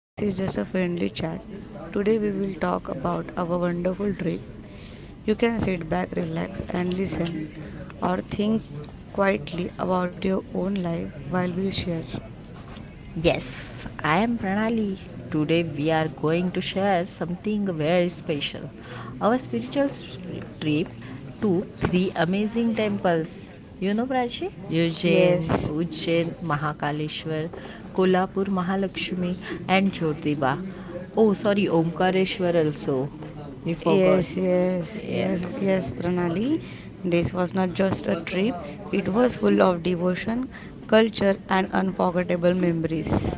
this is just a friendly chat. Today we will talk about our wonderful trip. You can sit back, relax, and listen, or think quietly about your own life while we share. Yes, I am Pranali. Today we are going to share something very special. Our spiritual trip to three amazing temples. You know, Prachi? Ujjain, Yes, Ujjain Mahakaleshwar, Kolhapur Mahalakshmi, and Jyotiba. Oh, sorry, Omkareshwar also. We forgot. Yes, yes, Yeah. yes, yes, Pranali. This was not just a trip, it was full of devotion, culture, and unforgettable memories.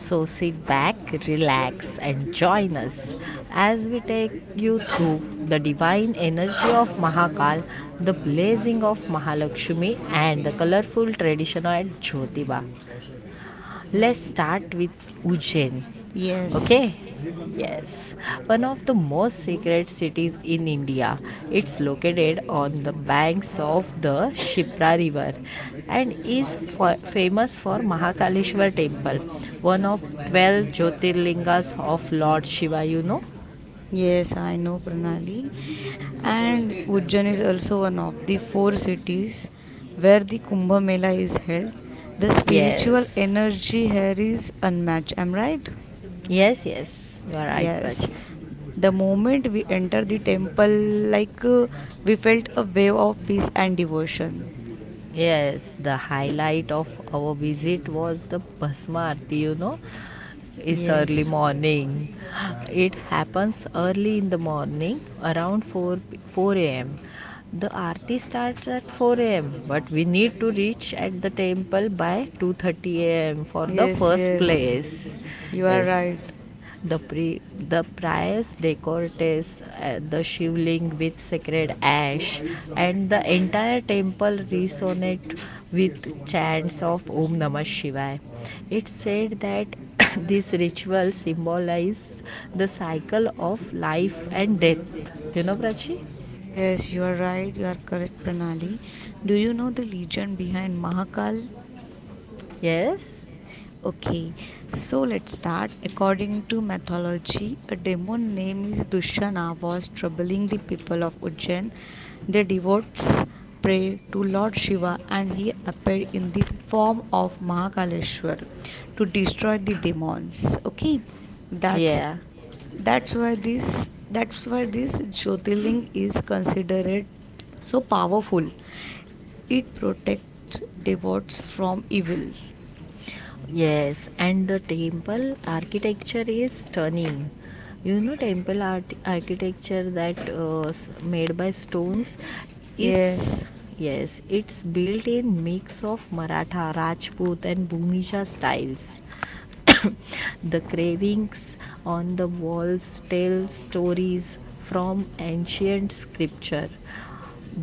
So sit back, relax, and join us as we take you through the divine energy of Mahakal, the blazing of Mahalakshmi, and the colorful tradition at Jyotiba. Let's start with Ujjain. Yes, Okay? Yes, one of the most sacred cities in India. It's located on the banks of the Shipra River and is famous for Mahakaleshwar temple, one of 12 Jyotirlingas of Lord Shiva, you know? yes, I know Pranali. And Ujjain is also one of the four cities where the Kumbh Mela is held. The spiritual Yes. energy here is unmatched, am I right? Yes, yes. You are right, Yes, Prachi. the moment we entered the temple, we felt a wave of peace and devotion. Yes, the highlight of our visit was the Bhasma Aarti, you know, is early Yes, morning. It happens early in the morning around 4 a.m. The aarti starts at 4 a.m. but we need to reach at the temple by 2:30 a.m. for the yes, first yes. place. You are Yes, right. the priest decorates the shivling with sacred ash, and the entire temple resonates with chants of Om Namah Shivaya. It's said that this ritual symbolizes the cycle of life and death. You know, Prachi? Yes, you are right. You are correct, Pranali. Do you know the legend behind Mahakal? Yes? Okay, so let's start. According to mythology, a demon named Dushana was troubling the people of Ujjain. The devotees prayed to Lord Shiva and he appeared in the form of Mahakaleshwar to destroy the demons. Okay, that's Yeah. that's why this Jyotirling is considered so powerful. It protects devotees from evil. Yes, and the temple architecture is stunning. You know, temple art architecture that made by stones. It's Yes. yes, it's built in mix of Maratha, Rajput, and Bhumija styles. The carvings on the walls tell stories from ancient scripture.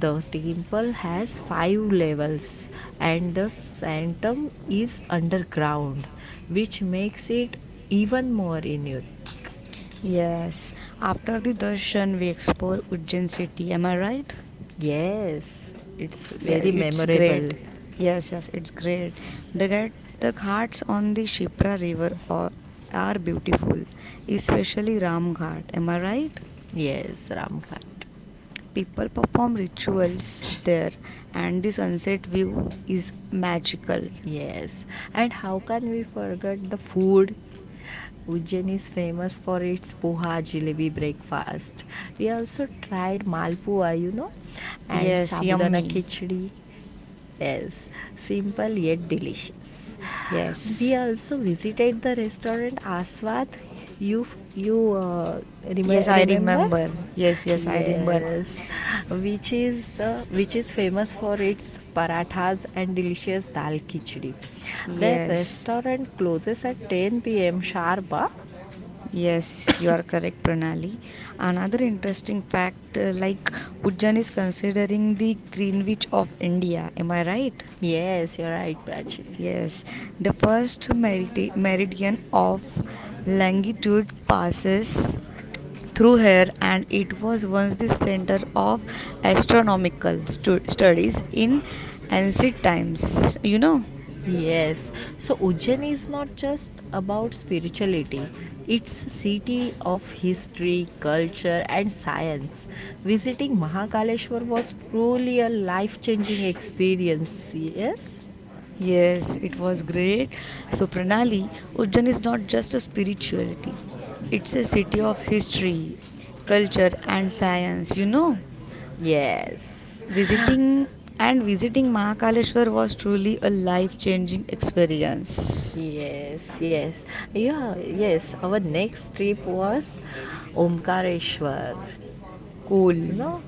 The temple has five levels and the sanctum is underground, which makes it even more unique. Yes, after the darshan we explore Ujjain city. Am I right? Yes, it's Yeah, very it's great. memorable. Yes, yes, it's great. The ghat, the ghats on the Shipra river are beautiful, especially Ram Ghat. Am I right? Yes, Ramghat. People perform rituals there, and the sunset view is magical. Yes, and how can we forget the food? Ujjain is famous for its poha jalebi breakfast. We also tried malpua, you know, and Yes, sabudana yummy. khichdi. Yes, simple yet delicious. We Yes, also visited the restaurant Aswad. You you uh, yes, rem- I remember? remember. Yes, yes, I remember. Yes, which is the which is famous for its parathas and delicious dal khichdi. Their Yes. restaurant closes at 10 p.m. sharp. Ah? Yes, you are correct, Pranali. Another interesting fact, like Ujjain is considering the Greenwich of India. Am I right? Yes, you're right, Prachi. Yes, the meridian of longitude passes through here, and it was once the center of studies in ancient times, you know. Yes, so Ujjain is not just about spirituality. It's a city of history, culture and science. Visiting Mahakaleshwar was truly a life-changing experience. Yes? Yes, it was great. So, Pranali, Ujjain is not just a spirituality, it's a city of history, culture, and science. You know, Yes. visiting visiting Mahakaleshwar was truly a life changing experience. Yes, yes. Yeah, yes. Our next trip was Omkareshwar. You Cool. know?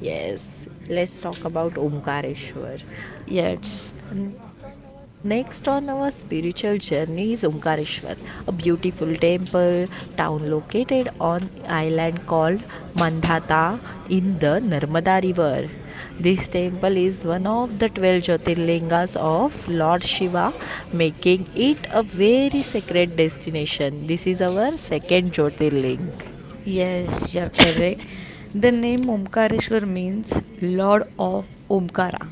Yes. Let's talk about Omkareshwar. Yes, Next on our spiritual journey is Omkareshwar, a beautiful temple town located on an island called Mandhata in the Narmada River. This temple is one of the 12 Jyotirlingas of Lord Shiva, making it a very sacred destination. This is our second Jyotirling. yes, you're correct. The name Omkareshwar means Lord of Omkara.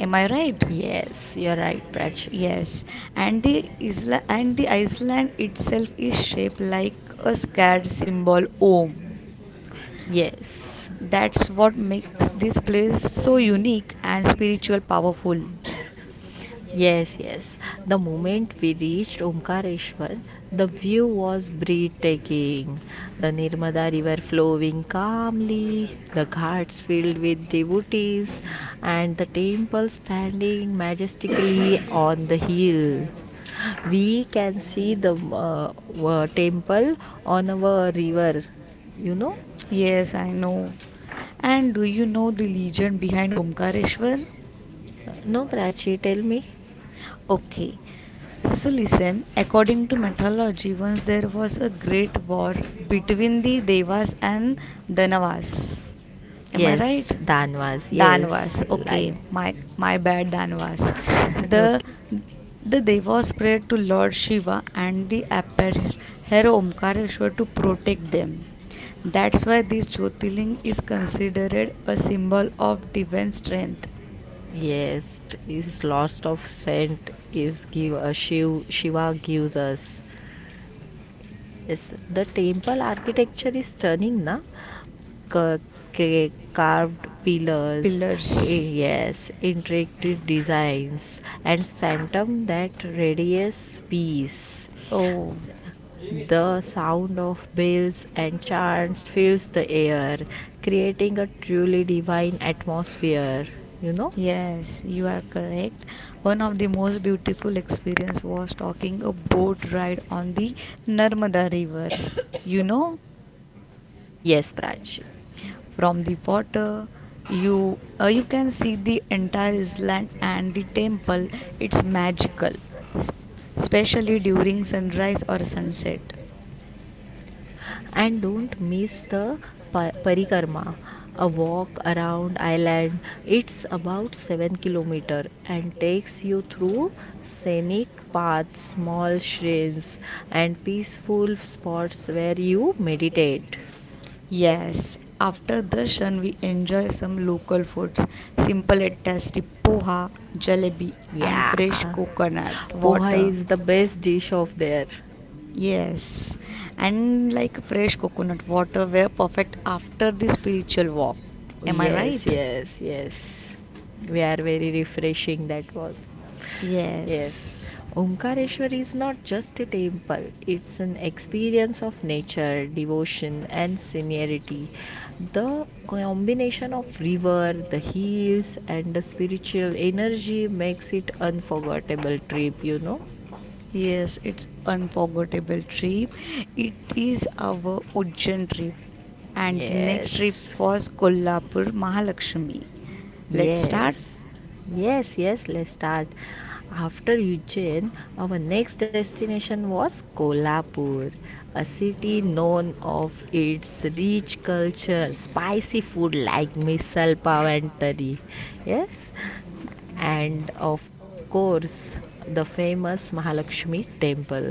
Am I right? Yes, you're right, Prachi. Yes, and the isla and the Iceland itself is shaped like a scared symbol Om. Yes. That's what makes this place so unique and spiritual powerful. Yes, yes. The moment we reached Omkareshwar, the view was breathtaking. The Nirmada river flowing calmly, the ghats filled with devotees, and the temple standing majestically on the hill. We can see the temple on our river, you know? Yes, I know. And do you know the legend behind Omkareshwar? No, Prachi, tell me. Okay. So listen, according to mythology, once there was a great war between the Devas and Danavas. Am I right? Yes, Danvas, yes, Danvas. Okay, like. my bad, Danvas. The okay. the Devas prayed to Lord Shiva and the apparent hero Omkareshwar to protect them. That's why this Jyotirling is considered a symbol of divine strength. Yes, is lost of scent is give a Shiva gives us. Yes, the temple architecture is stunning, na? Ca- Carved pillars, eh, Pillars. yes, intricate designs, and phantom that radiates peace. Oh. The sound of bells and chants fills the air, creating a truly divine atmosphere. You know? Yes, you are correct. One of the most beautiful experience was talking a boat ride on the Narmada River. You know, Yes, Prachi. from the water, you can see the entire island and the temple. It's magical, s- especially during sunrise or sunset. And don't miss the parikarma, a walk around island. It's about 7 kilometer and takes you through scenic paths, small shrines, and peaceful spots where you meditate. Yes, after darshan we enjoy some local foods, simple and tasty poha, jalebi, and Yeah, fresh coconut poha water. is the best dish of there. Yes, and like fresh coconut water were perfect after the spiritual walk. Am I Yes, right? yes, yes. We are very refreshing that was. Yes. Yes, Omkareshwar is not just a temple, it's an experience of nature, devotion, and seniority. The combination of river, the hills, and the spiritual energy makes it unforgettable trip, you know. yes, it's unforgettable trip. It is our Ujjain trip, and the Yes. next trip was Kolhapur Mahalakshmi. Let's Yes, start. yes, yes, let's start. After Ujjain, our next destination was Kolhapur, a city known of its rich culture, spicy food like misal pav and tari. Yes, and of course, the famous Mahalakshmi temple.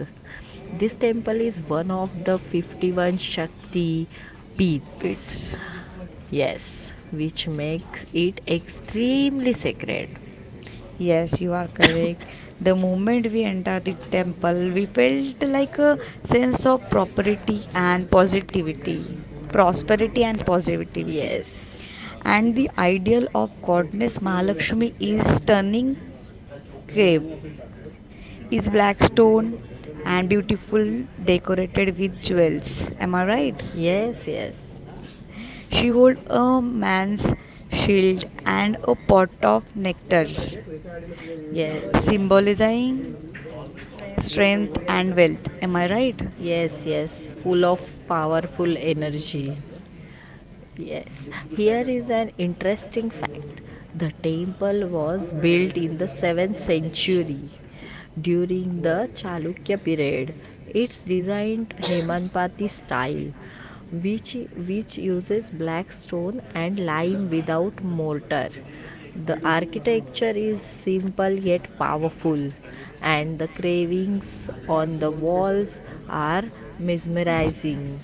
This temple is one of the 51 Shakti peats. It's Yes, which makes it extremely sacred. Yes, you are correct. The moment we entered the temple, we felt like a sense of prosperity and positivity. Yes, And the ideal of goddess Mahalakshmi is stunning grave, is black stone and beautiful decorated with jewels. Am I right? yes, yes, She holds a man's shield and a pot of nectar, yes, symbolizing strength and wealth, am I right? yes, yes, full of powerful energy. Yes, here is an interesting fact. The temple was built in the 7th century during the Chalukya period. It's designed Hemanpati style, which uses black stone and lime without mortar. The architecture is simple yet powerful, and the carvings on the walls are mesmerizing.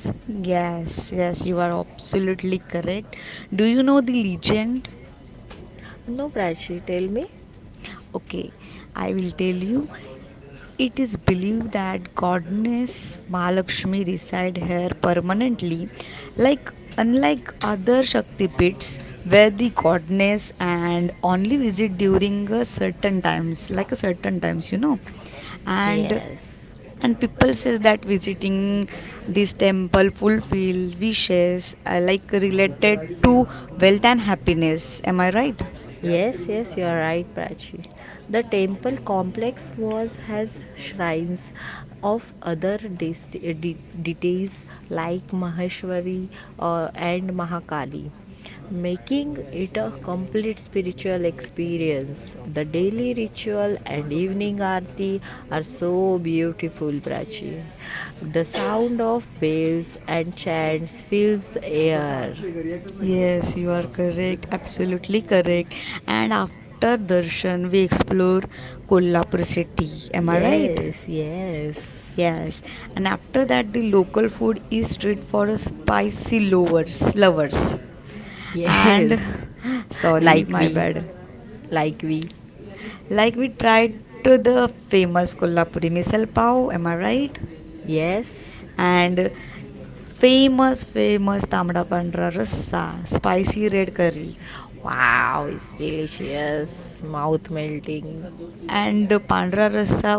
Yes, you are absolutely correct. Do you know the legend? No, Prachi, tell me. Okay, I will tell you. It is believed that goddess Mahalakshmi reside here permanently, like unlike other Shakti pits where the goddess and only visit during a certain times, you know, and Yes. and people says that visiting this temple fulfill wishes, like related to wealth and happiness, am I right? Yes, yes, you are right, Prachi. The temple complex was has shrines of other deities like Maheshwari and Mahakali, making it a complete spiritual experience. The daily ritual and evening aarti are so beautiful, Prachi. The sound of bells and chants fills the air. Yes, you are correct, absolutely correct. And after darshan, we explore Kolhapur city. Am I right? Yes, yes, Yes. And after that, the local food is street for spicy lovers, lovers. yes. And sorry, Like my we, bad. like we. Like we tried to the famous Kolhapuri misal pav. Am I right? Yes. And famous Tamda Pandra Rasa, spicy red curry. Wow, it's delicious, mouth melting. And pandra rasa,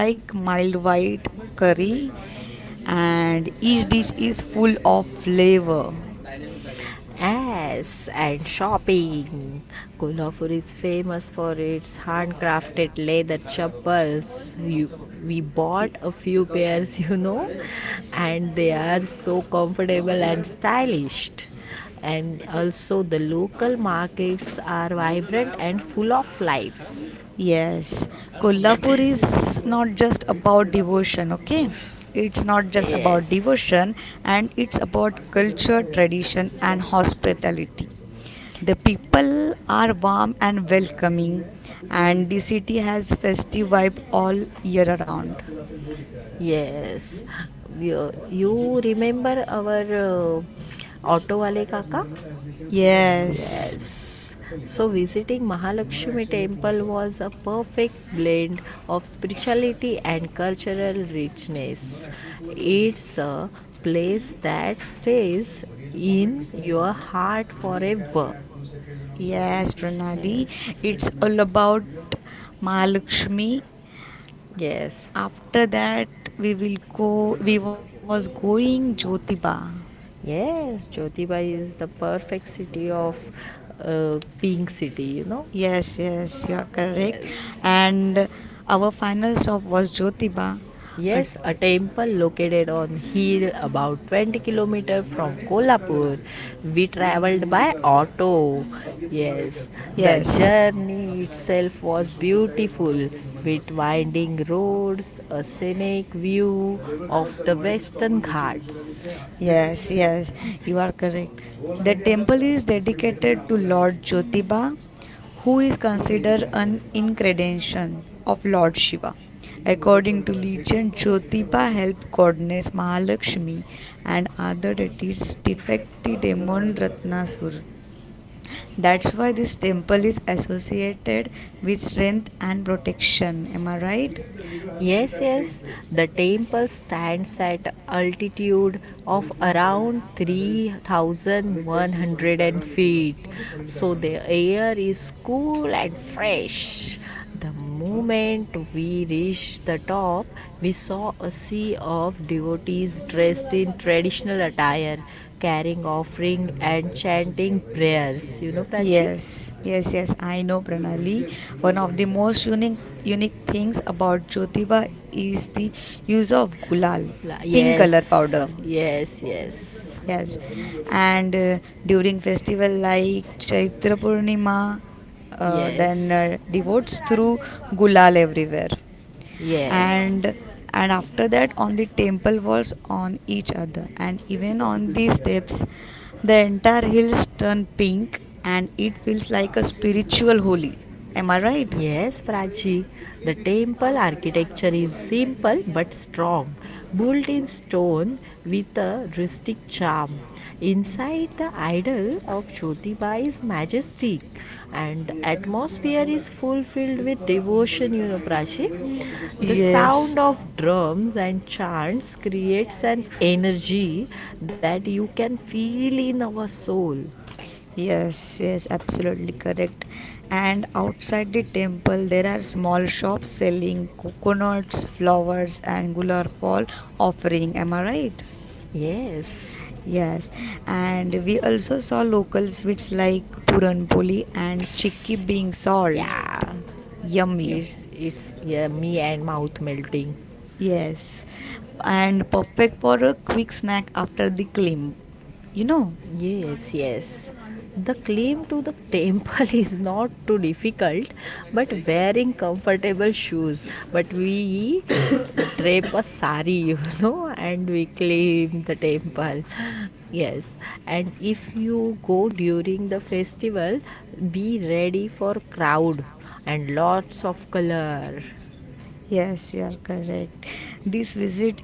like mild white curry, and each dish is full of flavor. Yes, and shopping. Kolhapur is famous for its handcrafted leather chappals. You, we Y- bought a few pairs, you know, and they are so comfortable and stylish. And also, the local markets are vibrant and full of life. yes, Kolhapur is not just about devotion. Okay, it's not just about Yes. devotion and it's about culture, tradition, and hospitality. The people are warm and welcoming, and the city has festive vibe all year around. Yes. You remember our auto wale kaka? Yes. Yes. So visiting Mahalakshmi temple was a perfect blend of spirituality and cultural richness. It's a place that stays in your heart forever. Yes, Pranali, Yes. it's all about Mahalakshmi. Yes. After that, we will go. We was going Jyotiba. Yes, Jyotibai is the perfect city of pink city, you know. Yes, yes, you're correct. Yes. And our final stop was Jyotiba. Uh, Yes, a temple located on hill about 20-kilometer from Kolhapur. We traveled by auto. Yes, the yes. journey itself was beautiful with winding roads, a scenic view of the western ghats. Yes, yes, you are correct. The temple is dedicated to Lord Jyotiba, who is considered an incarnation of Lord Shiva. According to legend, Jyotiba helped goddess Mahalakshmi and other deities defeat the demon Ratnasura. That's why this temple is associated with strength and protection. Am I right? Yes, yes. The temple stands at altitude of around 3100 feet. So the air is cool and fresh. The moment we reached the top, we saw a sea of devotees dressed in traditional attire, carrying offering and chanting prayers. You know, Prachi? Yes, yes, yes. I know Pranali. One of the most unique things about Jyotiba is the use of gulal, La- pink yes, color powder. yes, yes, Yes, and during festival like Chaitra Purnima, yes, then devotes through gulal everywhere, yes. and and after that on the temple walls, on each other, and even on the steps, the entire hills turn pink, and it feels like a spiritual holy. Am I right? Yes, Prachi. The temple architecture is simple but strong, built in stone with a rustic charm. Inside, the idol of Jyotiba is majestic, and the atmosphere is fulfilled with devotion. You know, Prachi. The Yes. sound of drums and chants creates an energy that you can feel in our soul. Yes, yes, absolutely correct. And outside the temple, there are small shops selling coconuts, flowers, and gular fall offering. Am I right? Yes. Yes, and we also saw local sweets like puranpoli and chikki being sold. Yeah. It's Yummy. it's yummy and mouth melting. Yes, and perfect for a quick snack after the climb. You know. Yes, yes. The claim to the temple is not too difficult, but wearing comfortable shoes. But we drape a sari, you know, and we claim the temple. Yes, and if you go during the festival, be ready for crowd and lots of color. Yes, you are correct. This visit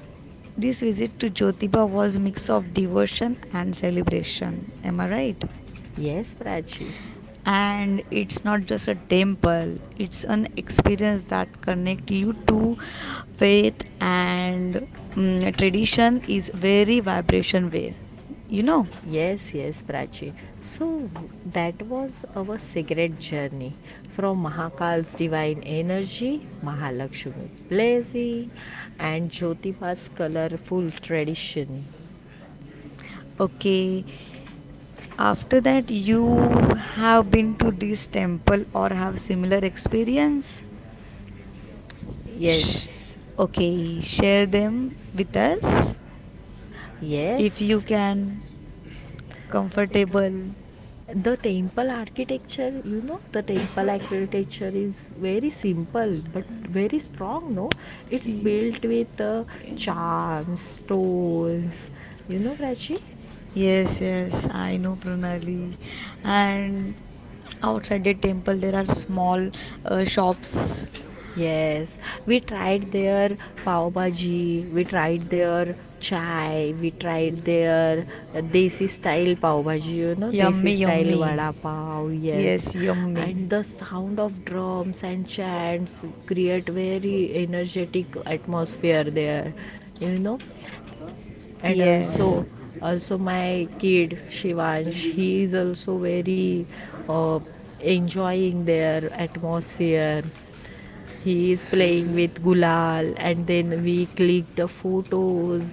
this visit to Jyotiba was mix of devotion and celebration. Am I right? Yes, Prachi. And it's not just a temple, it's an experience that connect you to faith and, mm, tradition is very vibration way. You know? Yes, yes, Prachi. So that was our secret journey from Mahakal's divine energy, Mahalakshmi's blessing, and Jyotipa's colorful tradition. Okay. After that, you have been to this temple or have similar experience? Yes, Sh- okay, share them with us yes. if you can. Comfortable. The temple architecture, you know, the temple architecture is very simple but very strong. No, it's Y- built with charms, stones. You know, Prachi. Yes, yes, I know Pranali. And outside the temple, there are small shops. Yes, we tried their pav bhaji, we tried their chai, we tried their desi style pav bhaji, you know, Yummy, desi style yummy. vada pav, yes. Yes, yummy. And the sound of drums and chants create very energetic atmosphere there, you know. And Yes. also, also my kid Shivansh, he is also very uh, enjoying their atmosphere. He is playing with Gulal, and then we click the photos.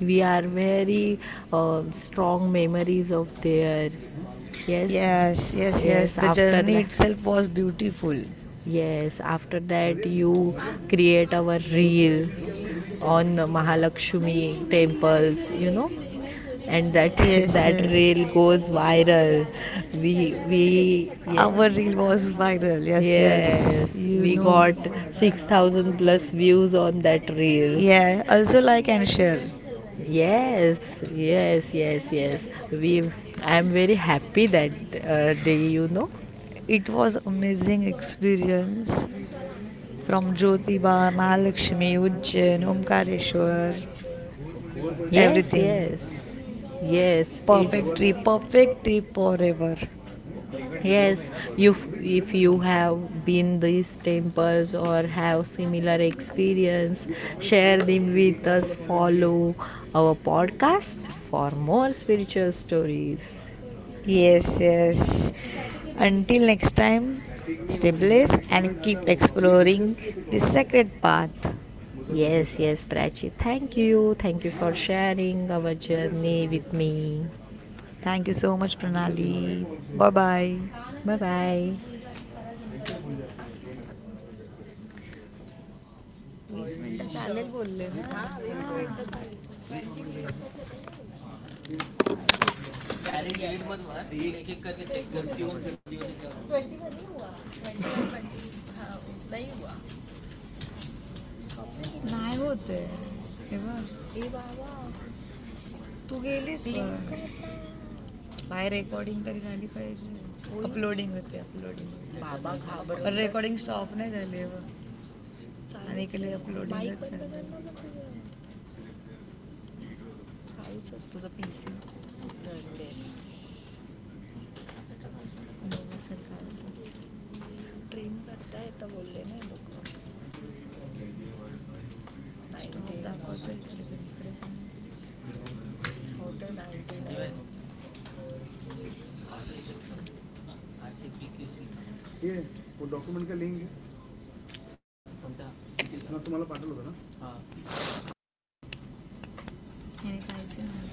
We are very strong memories of there. Yes, Yes, yes, yes. yes. The After journey that, itself was beautiful. yes. After that, you create our reel on Mahalakshmi temples. You know, and that Yes, yes. that reel goes viral. We Our reel yes. was viral. Yes, yes. Yes, Yes. You we know. got 6,000 plus views on that reel. Yeah. Also like and share. Yes, yes, yes, yes. We, I am very happy that day, you know. It was amazing experience from Jyotiba, Mahalakshmi, Ujjain, Omkareshwar, Yes, yes. everything. Yes, it's Perfect trip forever. yes. You, if you have been these temples or have similar experience, share them with us. Follow our podcast for more spiritual stories. Yes yes until next time stay blessed and keep exploring this sacred path Yes, yes, Prachi. Thank you. Thank you for sharing our journey with me. Thank you so much Pranali bye bye bye. Bye bye. वीस मिनटं चालेल बोलले ना वीस मिनिटं चालेल. नाही होत आहे हे बघ तू गेलीस पण. बाय रेकॉर्डिंग तरी झाली पाहिजे अपलोडिंग होते अपलोडिंग पण रेकॉर्डिंग स्टॉप नाही झाली आहे बघ आणि इकडे अपलोडिंगच झाली तुझं पीसी बघू ड्रीम करता येतं बोलले ना लोक नाही दाखवतो इकडे तिकडे पण ह्याने काहीच नाही